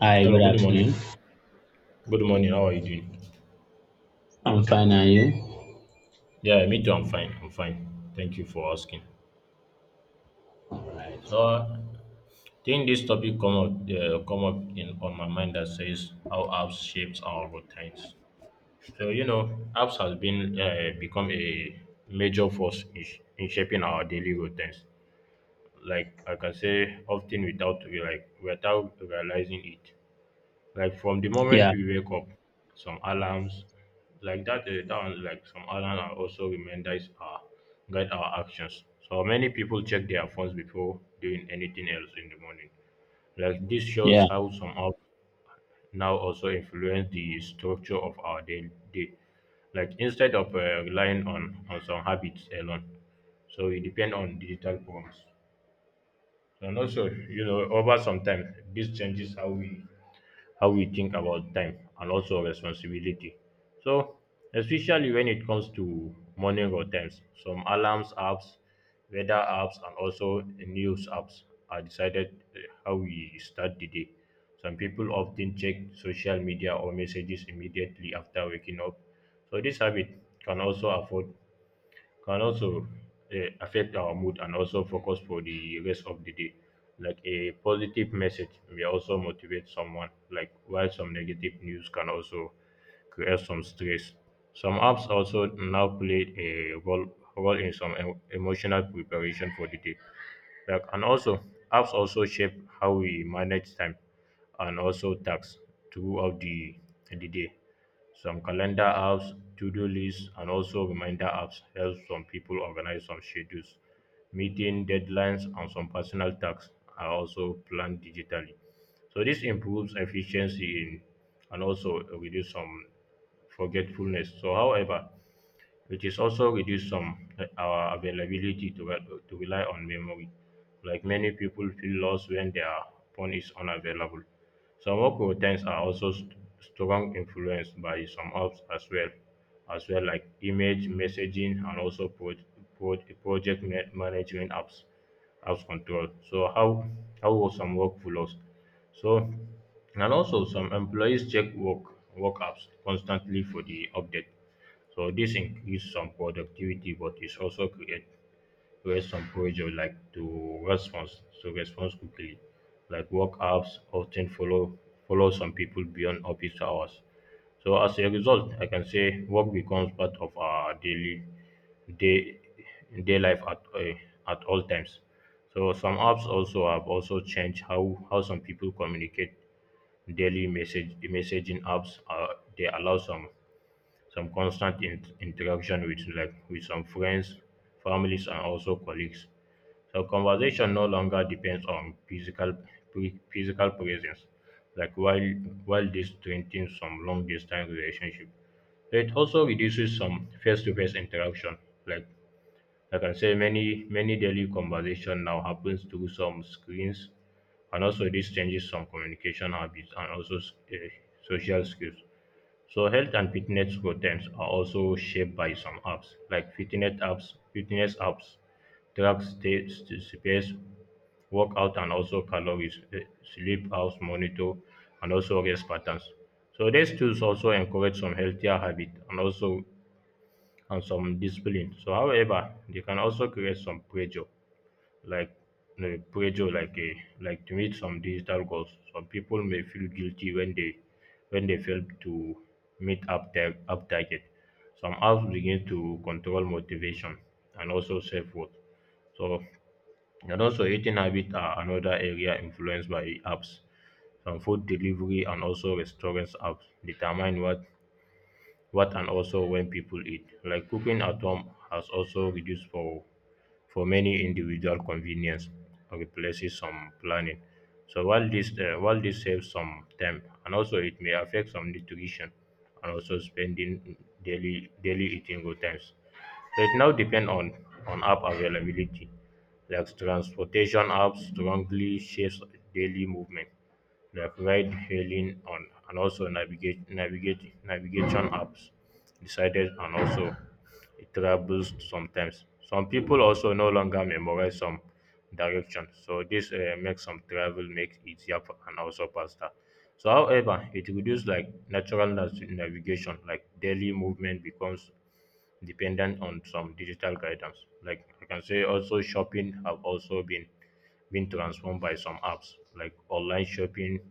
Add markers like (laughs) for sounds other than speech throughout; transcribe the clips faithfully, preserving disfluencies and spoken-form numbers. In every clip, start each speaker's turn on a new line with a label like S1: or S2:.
S1: Hi, good
S2: Hello, good
S1: afternoon.
S2: morning. Good morning. How are you doing?
S1: I'm fine, are you?
S2: Yeah, me too. I'm fine. I'm fine. Thank you for asking. So, I think this topic come up uh, come up in on my mind that says how apps shapes our routines. So you know, apps has been uh, become a major force in, sh- in shaping our daily routines. Like I can say, often without we like without realizing it. Like from the moment
S1: Yeah,
S2: we wake up, some alarms like that uh, that one like some alarms are also reminders our guide our actions. So many people check their phones before doing anything else in the morning. Like this
S1: yeah.
S2: shows how some apps now also influence the structure of our daily day. Like instead of uh, relying on, on some habits alone, so we depend on digital forms. And also, you know, over some time, this changes how we how we think about time and also responsibility. So, especially when it comes to morning routines, some alarms apps, weather apps, and also news apps are decided uh, how we start the day. Some people often check social media or messages immediately after waking up. So, this habit can also afford can also uh, affect our mood and also focus for the rest of the day. Like a positive message may also motivate someone, like while some negative news can also create some stress. Some apps also now play a role, role in some em- emotional preparation for the day. Like, and also, apps also shape how we manage time and also tasks throughout the, the day. Some calendar apps, to-do lists, and also reminder apps help some people organize some schedules. Meeting deadlines and some personal tasks are also planned digitally. So this improves efficiency in, and also reduce some forgetfulness. So, however, it is also reduce some uh, our availability to, re- to rely on memory. Like many people feel lost when their phone is unavailable. Some work routines are also st- strong influenced by some apps as well, as well like image messaging and also pro- pro- project ma- management apps, apps control. So how how will some workflows? So and also some employees check work work apps constantly for the update so this increase some productivity, but it also create create some pressure like to response to response quickly. Like work apps often follow follow some people beyond office hours. So as a result, I can say work becomes part of our daily day day life at uh, at all times. So some apps also have also changed how how some people communicate. Daily message messaging apps uh, they allow some some constant in- interaction with like with some friends families and also colleagues so conversation no longer depends on physical pre- physical presence like while while this strengthens some long distance relationship it also reduces some face-to-face interaction like I can say many many daily conversation now happens through some screens and also this changes some communication habits and also s- eh, social skills so health and fitness routines are also shaped by some apps, like fitness apps, fitness apps, track state space, workout and also calories, eh, sleep hours monitor, and also rest patterns. So these tools also encourage some healthier habit and also and some discipline. So however, they can also create some pressure like no pressure like a like to meet some digital goals. Some people may feel guilty when they when they fail to meet up their up target. Some apps begin to control motivation and also self worth. So and also eating habits are another area influenced by apps. Some food delivery and also restaurants apps determine what what and also when people eat. Like cooking at home has also reduced for for many individual convenience and replaces some planning. So while this uh, while this saves some time and also it may affect some nutrition and also spending daily daily eating good times. So it now depends on on app availability. Like transportation apps strongly shapes daily movement provide hailing on and also navigate navigate navigation apps decided and also it travels sometimes. Some people also no longer memorize some direction. So this uh, makes some travel make easier for- and also faster. So however, it reduces like natural nas- navigation, like daily movement becomes dependent on some digital guidance. Like I can say also shopping have also been been transformed by some apps like online shopping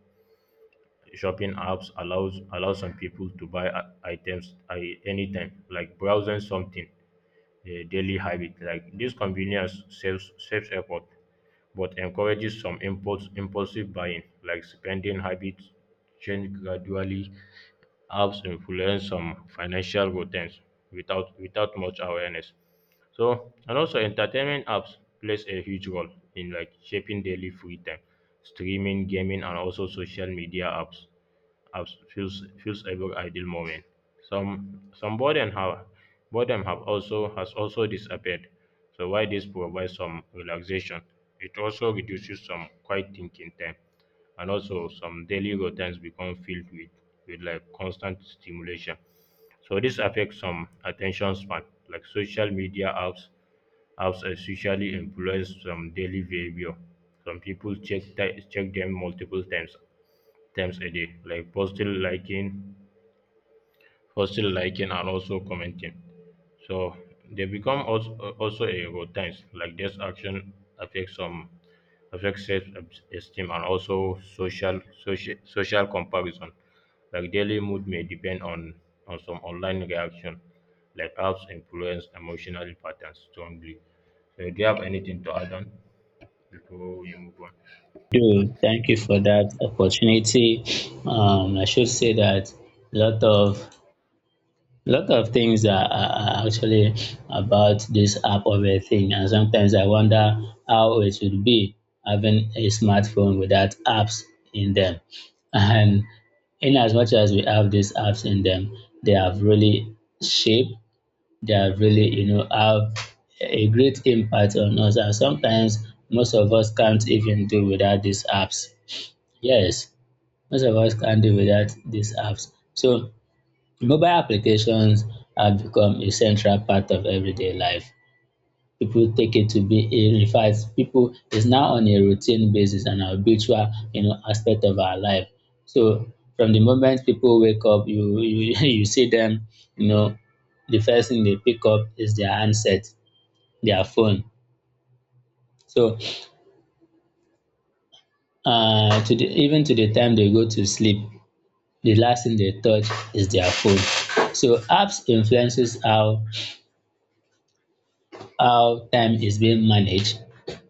S2: shopping apps allows allow some people to buy i- items i- anytime like browsing something a daily habit like this convenience saves saves effort but encourages some impulse impulsive buying like spending habits change gradually apps influence some financial routines without without much awareness. So and also entertainment apps plays a huge role in like shaping daily free time. Streaming, gaming, and also social media apps apps fills fills every ideal moment. Some some boredom have boredom have also has also disappeared. So while this provides some relaxation, it also reduces some quiet thinking time and also some daily routines become filled with with like constant stimulation so this affects some attention span like social media apps apps especially influence some daily behavior some people check ti- check them multiple times times a day like posting liking posting liking and also commenting so they become also also a routines like this action affects some affects self-esteem and also social social social comparison. Like daily mood may depend on on some online reaction, like apps influence emotional patterns strongly. So do you have anything to add on before we move on?
S1: Do Thank you for that opportunity. Um, I should say that a lot of lot of things are, are are actually about this app of a thing, and sometimes I wonder how it would be having a smartphone without apps in them. And in as much as we have these apps in them, they have really shaped, that really, you know, have a great impact on us. And sometimes most of us can't even do without these apps. Yes, most of us can't do without these apps. So mobile applications have become a central part of everyday life. People take it to be a, in fact, people is now on a routine basis and habitual, you know, aspect of our life. So from the moment people wake up, you you (laughs) you see them, you know, the first thing they pick up is their handset, their phone. So uh to the even to the time they go to sleep, the last thing they touch is their phone. So apps influences how how time is being managed,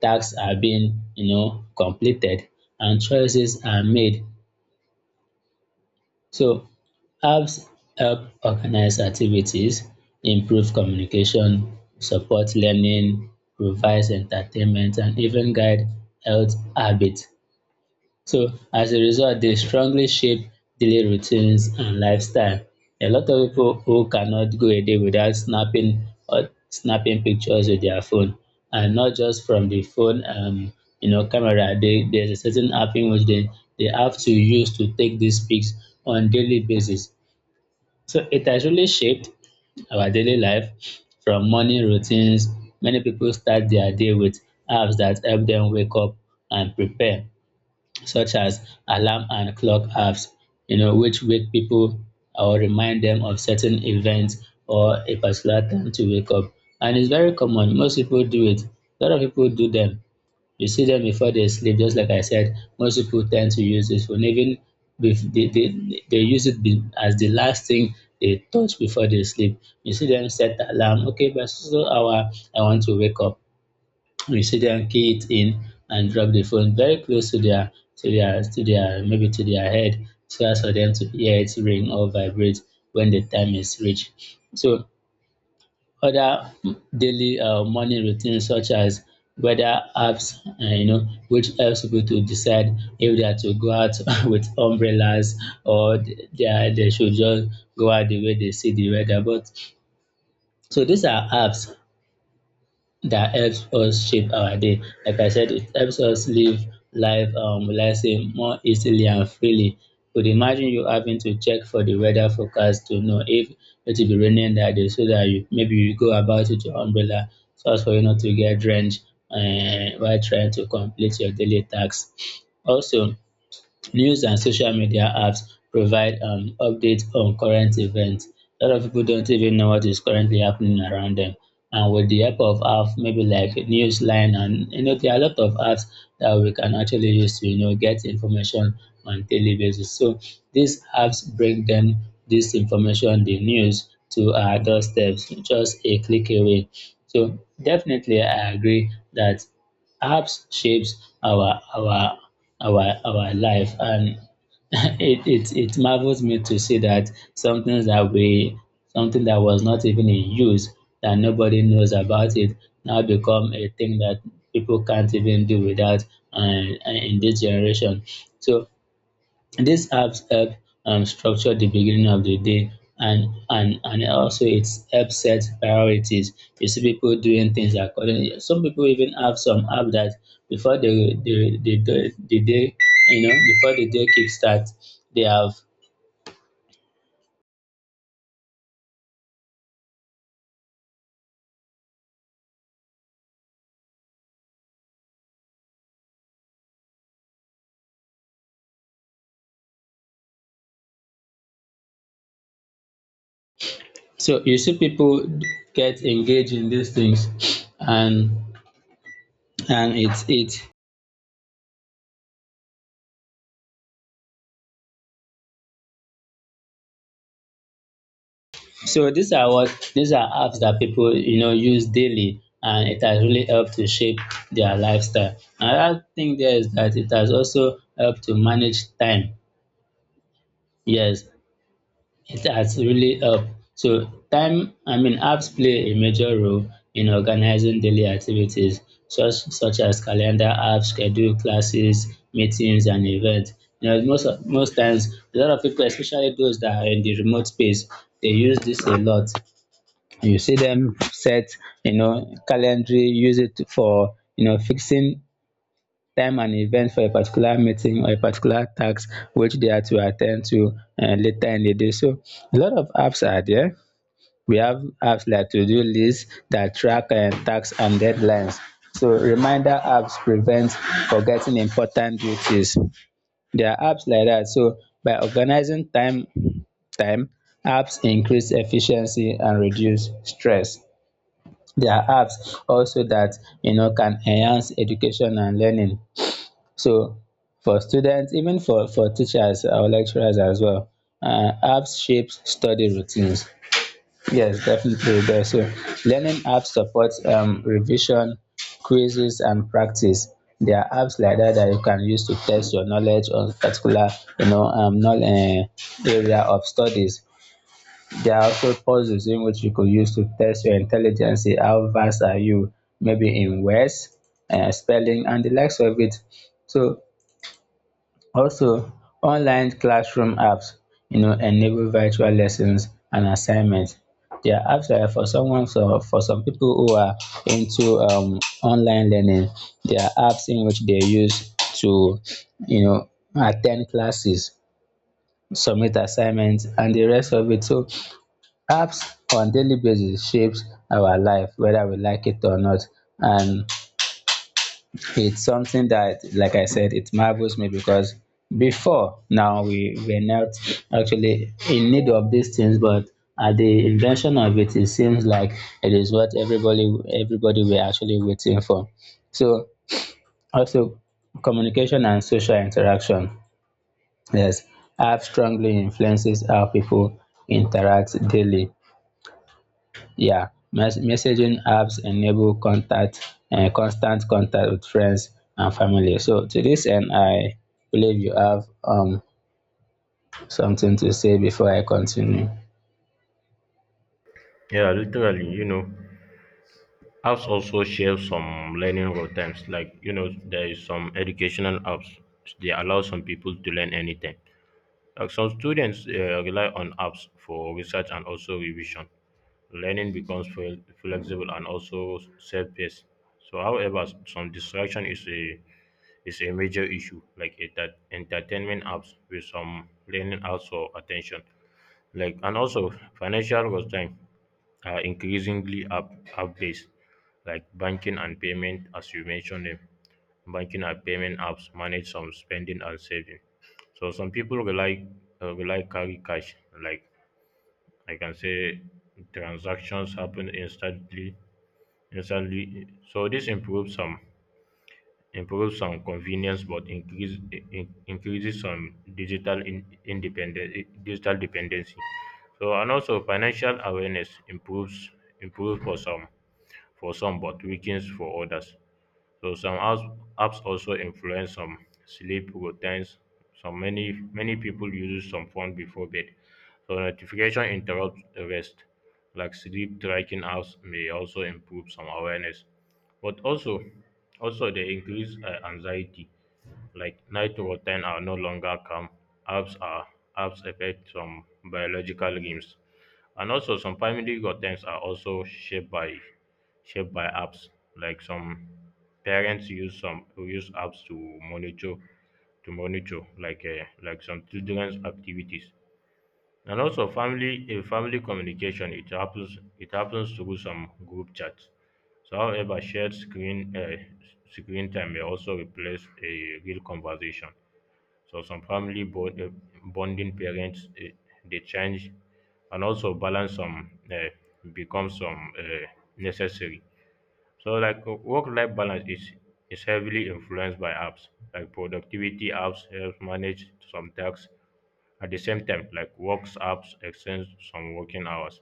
S1: tasks are being, you know, completed, and choices are made. So apps help organize activities, improve communication, support learning, provide entertainment, and even guide health habits. So as a result, they strongly shape daily routines and lifestyle. A lot of people who cannot go a day without snapping or snapping pictures with their phone, and not just from the phone, um, you know, camera. They, there's a certain app in which they, they have to use to take these pics on daily basis. So it has really shaped our daily life from morning routines. Many people start their day with apps that help them wake up and prepare, such as alarm and clock apps, you know, which wake people or remind them of certain events or a particular time to wake up. And it's very common. Most people do it. A lot of people do them. You see them before they sleep, just like I said. Most people tend to use this phone, even if they, they, they use it be- as the last thing they touch before they sleep. You see them set alarm. Okay, by so so so, hour, I want to wake up, recipient key it in and drop the phone very close to their to their to their maybe to their head, so as for them to hear it ring or vibrate when the time is reached. So other daily uh, morning routines, such as weather apps, uh, you know, which helps people to decide if they are to go out (laughs) with umbrellas, or they, are, they should just go out the way they see the weather. But so these are apps that helps us shape our day. Like I said, it helps us live life, um, let's say, more easily and freely. But imagine you having to check for the weather forecast to know if it will be raining that day, so that you, maybe you go about with your umbrella so as for you not to get drenched uh, while trying to complete your daily tasks. Also, news and social media apps provide um, updates on current events. A lot of people don't even know what is currently happening around them. And with the help of apps, maybe like Newsline, and you know, there are a lot of apps that we can actually use to, you know, get information on daily basis. So these apps bring them this information, the news, to our doorsteps, just a click away. So definitely, I agree that apps shapes our our our our life. And (laughs) it, it it marvels me to see that something that we something that was not even in use, that nobody knows about it, now become a thing that people can't even do without uh, in this generation. So these apps help um, structure the beginning of the day, and and and also it helps set priorities. You see people doing things accordingly. Some people even have some app that before the the the, the, the day, you know, before the day kickstart, they have. So you see people get engaged in these things, and and it's it so these are what these are apps that people, you know, use daily, and it has really helped to shape their lifestyle. Another thing there is that it has also helped to manage time. Yes, it has really helped. So time, I mean, apps play a major role in organizing daily activities, such such as calendar apps, schedule classes, meetings, and events. You know, most of- most times, a lot of people, especially those that are in the remote space, they use this a lot. You see them set, you know, calendar, use it for, you know, fixing time and event for a particular meeting or a particular task which they are to attend to uh, later in the day. So a lot of apps are there. We have apps like to-do lists that track uh, tasks and deadlines. So reminder apps prevent forgetting important duties. There are apps like that. So by organizing time time, apps increase efficiency and reduce stress. There are apps also that, you know, can enhance education and learning. So for students, even for for teachers or lecturers as well, uh, apps shape study routines. Yes, definitely there. So learning apps support um, revision, quizzes, and practice. There are apps like that that you can use to test your knowledge on particular, you know, um, knowledge, area of studies. There are also puzzles in which you could use to test your intelligence, see how vast are you, maybe in words, uh, spelling, and the likes of it. So, also, online classroom apps, you know, enable virtual lessons and assignments. There are apps uh, for someone, so for some people who are into um, online learning, there are apps in which they use to, you know, attend classes, submit assignments, and the rest of it. So, apps on daily basis shapes our life whether we like it or not. And it's something that, like I said, it marvels me because before now we were not actually in need of these things, but at the invention of it, it seems like it is what everybody everybody were actually waiting for. So also communication and social interaction, yes, app strongly influences how people interact daily. Yeah, mes- messaging apps enable contact and constant contact with friends and family. So to this end, I believe you have um something to say before I continue.
S2: Yeah, literally, you know, apps also share some learning routines. Like, you know, there is some educational apps. They allow some people to learn anything. Like some students uh, rely on apps for research and also revision. Learning becomes fel- flexible and also self-paced. So, however, s- some distraction is a is a major issue, like it, that entertainment apps with some learning apps for attention, like and also financial time are increasingly app app based, like banking and payment, as you mentioned them. Banking and payment apps manage some spending and saving. So some people rely uh, rely carry cash. Like I can say, transactions happen instantly. Yes, so this improves some improves some convenience, but increase in- increases some digital in, independence digital dependency. So and also financial awareness improves improves for some for some but weakens for others. So some apps apps also influence some sleep routines. So many many people use some phone before bed. So notification interrupts the rest. Like sleep tracking apps may also improve some awareness, but also also they increase uh, anxiety. Like night routine are no longer calm. Apps are apps affect some biological rhythms. And also, some family contents are also shaped by shaped by apps. Like some parents use some use apps to monitor to monitor like uh, like some children's activities. And also, family in family communication it happens it happens through some group chats. So, however, shared screen uh, screen time may also replace a real conversation. So some family bond, uh, bonding parents uh, they change and also balance some uh, become some uh, necessary. So like uh, work-life balance is is heavily influenced by apps. Like productivity apps help manage some tasks at the same time, like works apps extend some working hours.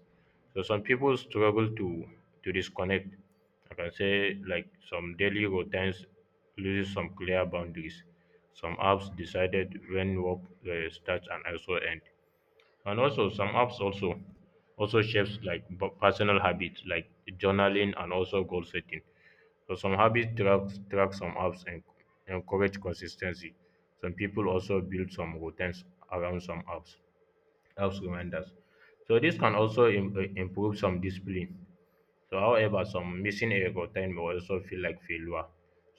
S2: So some people struggle to to disconnect. I can say like some daily routines loses some clear boundaries. Some apps decided when work uh, starts and also end. And also some apps also also shapes like b- personal habits like journaling and also goal setting. So some habits track track some apps and encourage consistency. Some people also build some routines around some apps apps reminders. So this can also im- eh, improve some discipline so, however, some missing a record time may also feel like failure.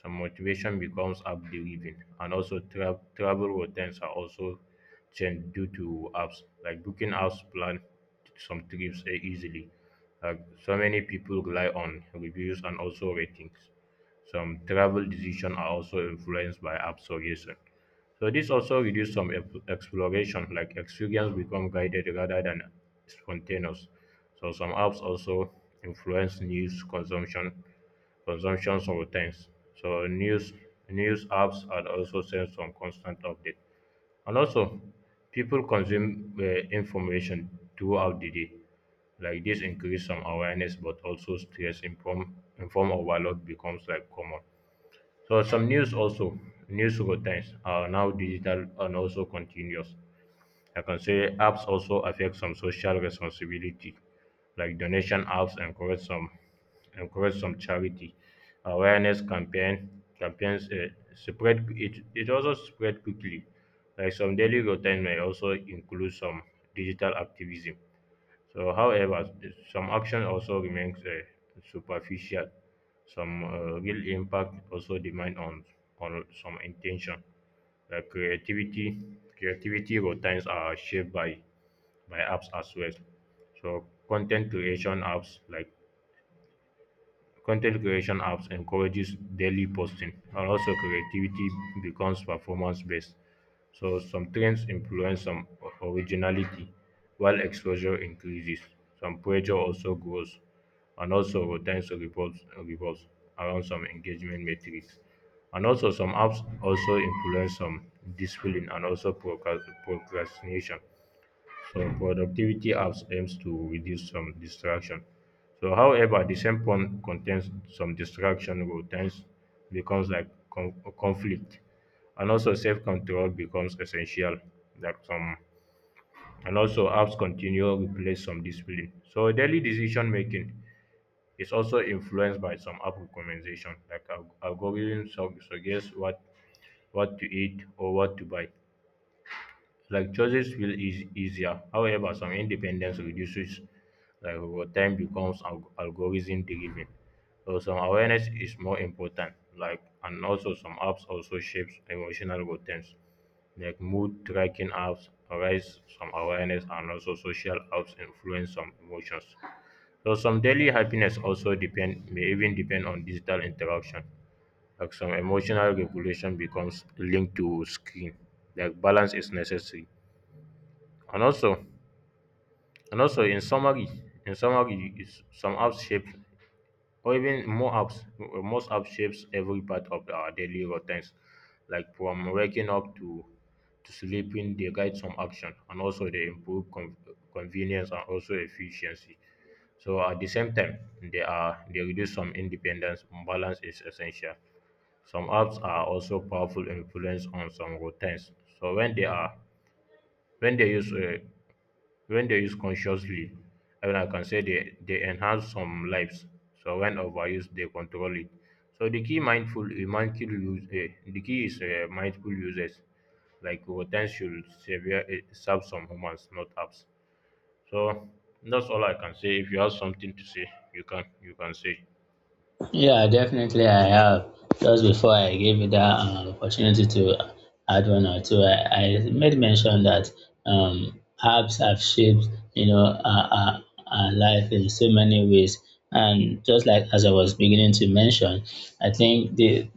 S2: Some motivation becomes app driven, and also tra- travel routines are also changed due to apps. Like booking apps plan some trips eh, easily. Like so many people rely on reviews and also ratings. Some travel decisions are also influenced by app suggestion. So this also reduces some ep- exploration, like experience become guided rather than spontaneous. So some apps also influence news consumption consumption sometimes. So news news apps are also send some constant update. And also, people consume uh, information throughout the day. Like this increase some awareness, but also stress inform inform overload becomes like common. So some news also news routines are now digital and also continuous. I can say apps also affect some social responsibility, like donation apps encourage some encourage some charity awareness campaign campaigns uh, spread it it also spread quickly. Like some daily routine may also include some digital activism. So, however, some action also remains uh, superficial. Some uh, real impact also depend on on some intention. Uh, creativity, creativity routines are shaped by by apps as well. So, content creation apps like Content creation apps encourages daily posting and also creativity becomes performance based so some trends influence some o- originality while exposure increases some pressure also grows and also routines revolves revolves around some engagement metrics and also some apps also influence some discipline and also procra- procrastination so productivity apps aims to reduce some distraction. So however, the same phone contains some distraction routines becomes like con- conflict and also self-control becomes essential. Like some and also apps continue replace some discipline. So daily decision making is also influenced by some app recommendation, like alg- algorithms sug- suggest what what to eat or what to buy. Like choices feel eas- easier. However, some independence reduces, like over time becomes alg- algorithm driven. So some awareness is more important. Like and also some apps also shapes emotional routines, like mood tracking apps arise some awareness and also social apps influence some emotions. So some daily happiness also depend may even depend on digital interaction. Like some emotional regulation becomes linked to screen. Like balance is necessary. And also, and also, in summary, in summary, is some apps shape, or even more apps, uh, most apps shapes every part of our daily routines, like from waking up to to sleeping. They guide some action, and also they improve con- convenience and also efficiency. So at the same time, they are they reduce some independence. Balance is essential. Some apps are also powerful influence on some routines. So when they are when they use uh, when they use consciously, I mean, I can say they, they enhance some lives. So when overused, they control it. So the key mindful, uh, mindful use, uh, the key is uh, mindful users. Like routines should severe, uh, serve some humans, not apps. So that's all I can say. If you have something to say, you can you can say.
S1: Yeah, definitely I have. Just before I gave you that um, opportunity to add one or two, I, I made mention that um, apps have shaped, you know, our, our, our life in so many ways. And just like as I was beginning to mention, I think the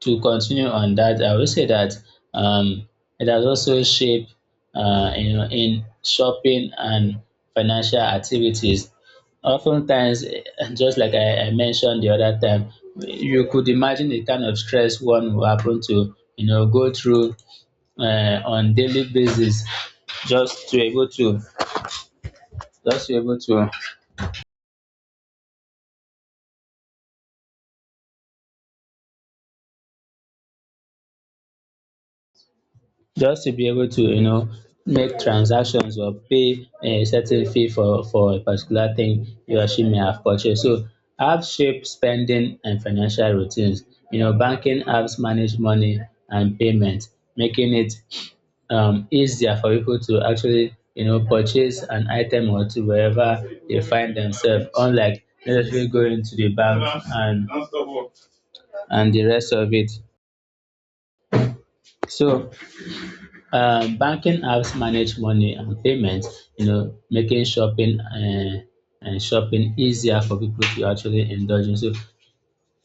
S1: to continue on that, I will say that um, it has also shaped, uh, you know, in shopping and financial activities. Oftentimes, eh, just like I, I mentioned the other time, you could imagine the kind of stress one will happen to, you know, go through uh, on daily basis just to able to just to able to just to be able to, you know, make transactions or pay a certain fee for for a particular thing you or she may have purchased. So apps shape spending and financial routines. You know, banking apps manage money and payment, making it um, easier for people to actually, you know, purchase an item or two wherever they find themselves, unlike necessarily going to the bank and and the rest of it. So, Um, banking apps manage money and payments, you know, making shopping uh, and shopping easier for people to actually indulge in. So,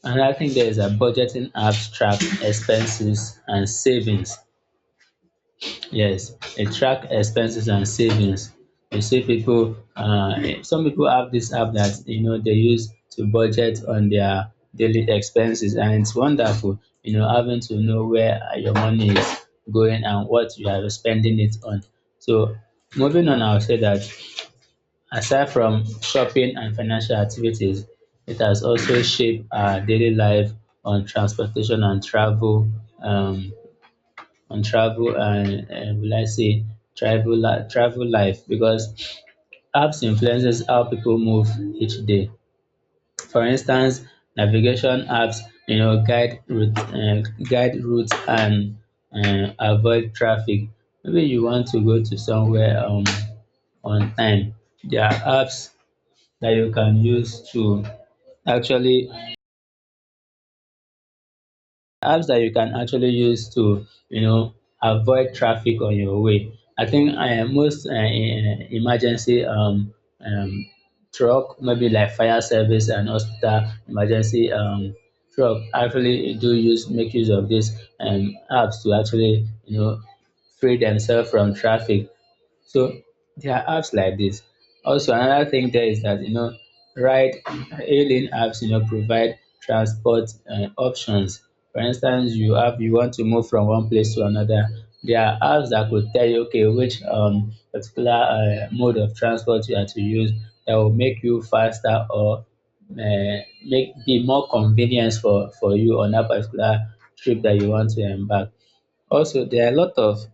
S1: another thing there is that budgeting apps track expenses and savings. Yes, it track expenses and savings. You see people, uh, some people have this app that, you know, they use to budget on their daily expenses, and it's wonderful. You know, having to know where your money is going and what you are spending it on. So, moving on, I'll say that aside from shopping and financial activities, it has also shaped our daily life on transportation and travel. Um, on travel and, and will I say travel li- travel life, because apps influences how people move each day. For instance, navigation apps, you know, guide route uh, guide routes and, uh, avoid traffic. Maybe you want to go to somewhere um on time. There are apps that you can use to actually apps that you can actually use to, you know, avoid traffic on your way. I think uh, most uh, eh, emergency um, um, truck, maybe like fire service and hospital emergency um, truck, actually do use make use of these um, apps to actually, you know, free themselves from traffic. So there are apps like this. Also, another thing there is that you know, ride hailing apps you know provide transport um options. For instance, you have you want to move from one place to another. There are apps that could tell you okay, which um particular um mode of transport you are to use that will make you faster or um make be more convenience for for you on that particular trip that you want to embark. Also, there are a lot of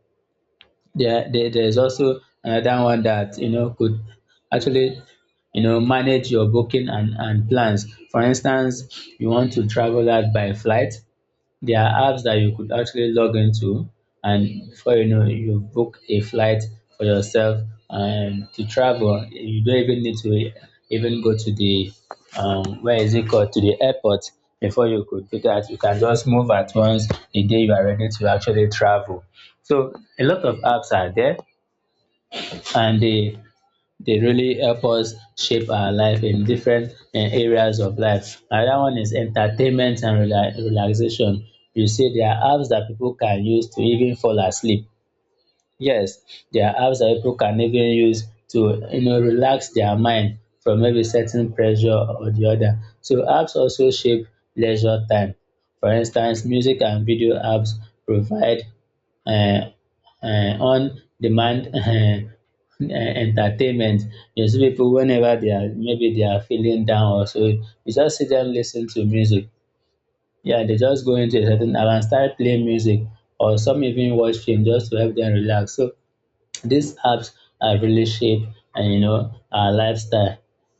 S1: there, there there's also another one that you know could actually you know manage your booking and and plans. For instance, you want to travel out by flight. There are apps that you could actually log into, and before you know, it, you've booked a flight for yourself and to travel. You don't even need to even go to the um, where is it called, to the airport before you could do that. You can just move at once the day you are ready to actually travel. So a lot of apps are there, and they they really help us shape our life in different uh, areas of life. Another one is entertainment and rela- relaxation. You see, there are apps that people can use to even fall asleep. Yes, there are apps that people can even use to you know relax their mind from maybe certain pressure or the other. So apps also shape leisure time. For instance, music and video apps provide uh, uh, on demand um (laughs) entertainment. You see people whenever they are, maybe they are feeling down or so, you just see them listen to music. Yeah, they just go into a certain app and start playing music, or some even watch film just to help them relax. So these apps have really shaped and you know our lifestyle.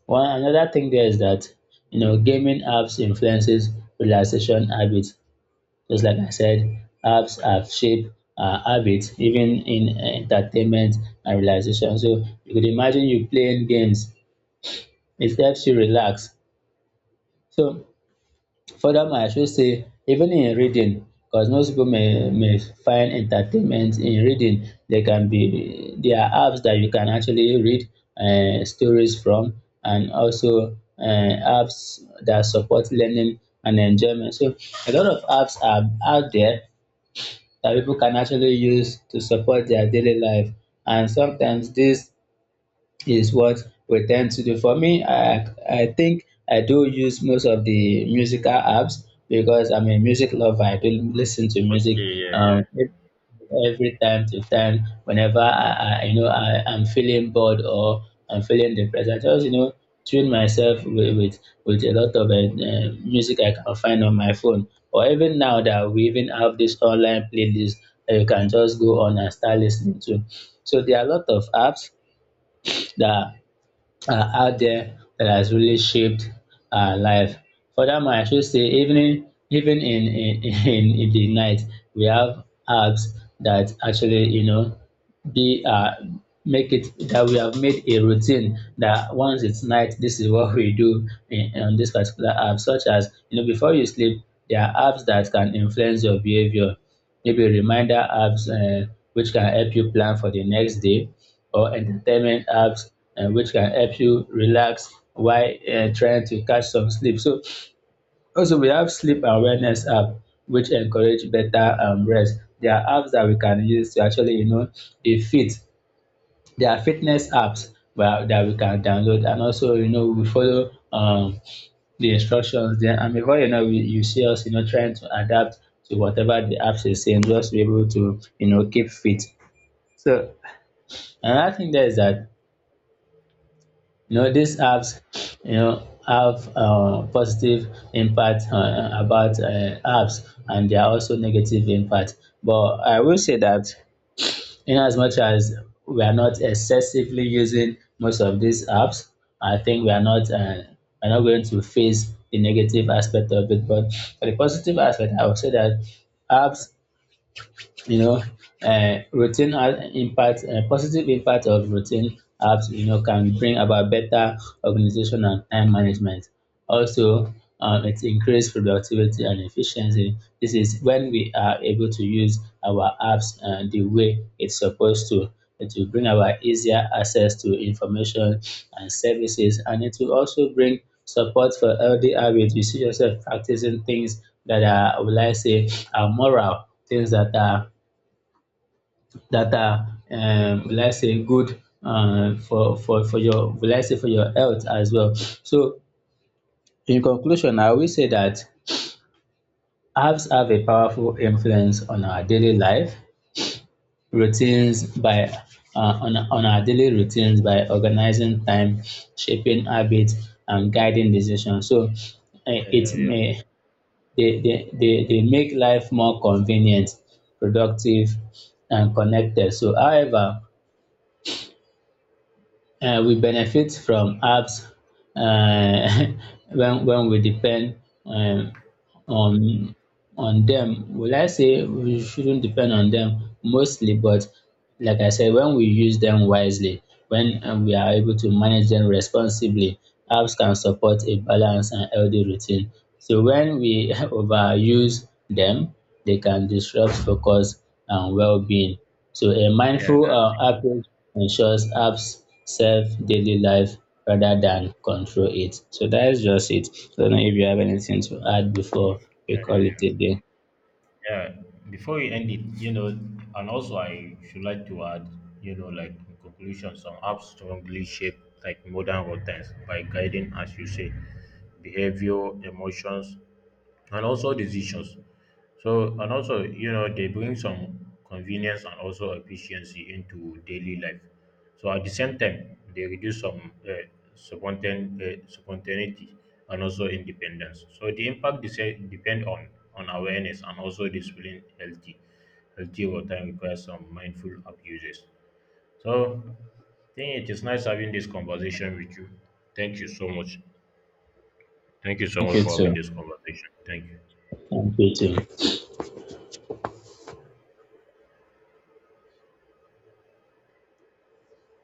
S1: One another thing there is that you know gaming apps influences relaxation habits. Just like I said, apps have shaped our habits even in entertainment and relaxation. So you could imagine you playing games, it helps you relax. So furthermore, I should say even in reading, because most people may may find entertainment in reading. There can be there are apps that you can actually read um stories from, and also um apps that support learning and enjoyment. So a lot of apps are out there that people can actually use to support their daily life, and sometimes these is what we tend to do. For me, I I think I do use most of the musical apps because I'm a music lover. I do listen to music
S2: Okay, yeah,
S1: um,
S2: yeah.
S1: ev- every time to time. Whenever I, I you know I, I'm feeling bored or I'm feeling depressed, I just you know tune myself with with, with a lot of uh, uh, music I can find on my phone. Or even now that we even have this online playlist that you can just go on and start listening to. So there are a lot of apps that uh, out there that has really shaped our life. Furthermore, I should say even in, even in, in, (laughs) in in the night, we have apps that actually you know be uh make it that we have made a routine that once it's night, this is what we do in, on this particular app. Such as, you know, before you sleep, there are apps that can influence your behavior, maybe reminder apps uh, which can help you plan for the next day, or entertainment apps uh, which can help you relax while uh, trying to catch some sleep. So also we have sleep awareness app which encourage better um, rest. There are apps that we can use to actually you know be fit. There are fitness apps well, that we can download, and also you know we follow um the instructions, then and before you know, we, you see us, you know, trying to adapt to whatever the apps is saying, just to be able to, you know, keep fit. So another thing there is that you know these apps, you know, have uh, positive impact uh, about uh, apps, and there are also negative impact. But I will say that in as much as we are not excessively using most of these apps, I think we are not uh, we're not going to face the negative aspect of it. But for the positive aspect, I would say that apps you know uh, routine has impact uh, positive impact of routine apps you know can bring about better organization and time management. Also um, it increase productivity and efficiency. This is when we are able to use our apps uh, the way it's supposed to. It will bring about easier access to information and services, and it will also bring support for healthy habits. You see yourself practicing things that are, will I say, are moral, things that are that are um, will I say good um, for for for your, will I say, for your health as well. So in conclusion, I will say that apps have a powerful influence on our daily life routines by uh, on on our daily routines by organizing time, shaping habits, and guiding decisions. So eh,
S2: Yeah,
S1: it
S2: yeah, yeah.
S1: may they, they, they, they make life more convenient, productive, and connected. So, however, um we benefit from apps um (laughs) when when we depend um on on them. Will I say we shouldn't depend on them mostly, but like I said, when we use them wisely, when um we are able to manage them responsibly, apps can support a balanced and healthy routine. So when we (laughs) overuse them, they can disrupt focus and well-being. So a
S2: Yeah,
S1: mindful uh, approach ensures apps serve daily life rather than control it. So that is just it. I don't know if you have anything to add before we call it a day.
S2: yeah, before we end it, you know, and also I should like to add, you know, like in conclusion, some apps strongly shape like modern routines by guiding, as you say, behavior, emotions, and also decisions. So, and also, you know, they bring some convenience and also efficiency into daily life. So, at the same time, they reduce some uh, spontan- uh, spontaneity and also independence. So, the impact desi- depend on on awareness and also discipline, healthy, healthy over time requires some mindful abuses. So, I think it is nice having this conversation with you. Thank you so much. Thank you so
S1: Thank
S2: much
S1: you
S2: for having
S1: too.
S2: this conversation. Thank you.
S1: Thank you too.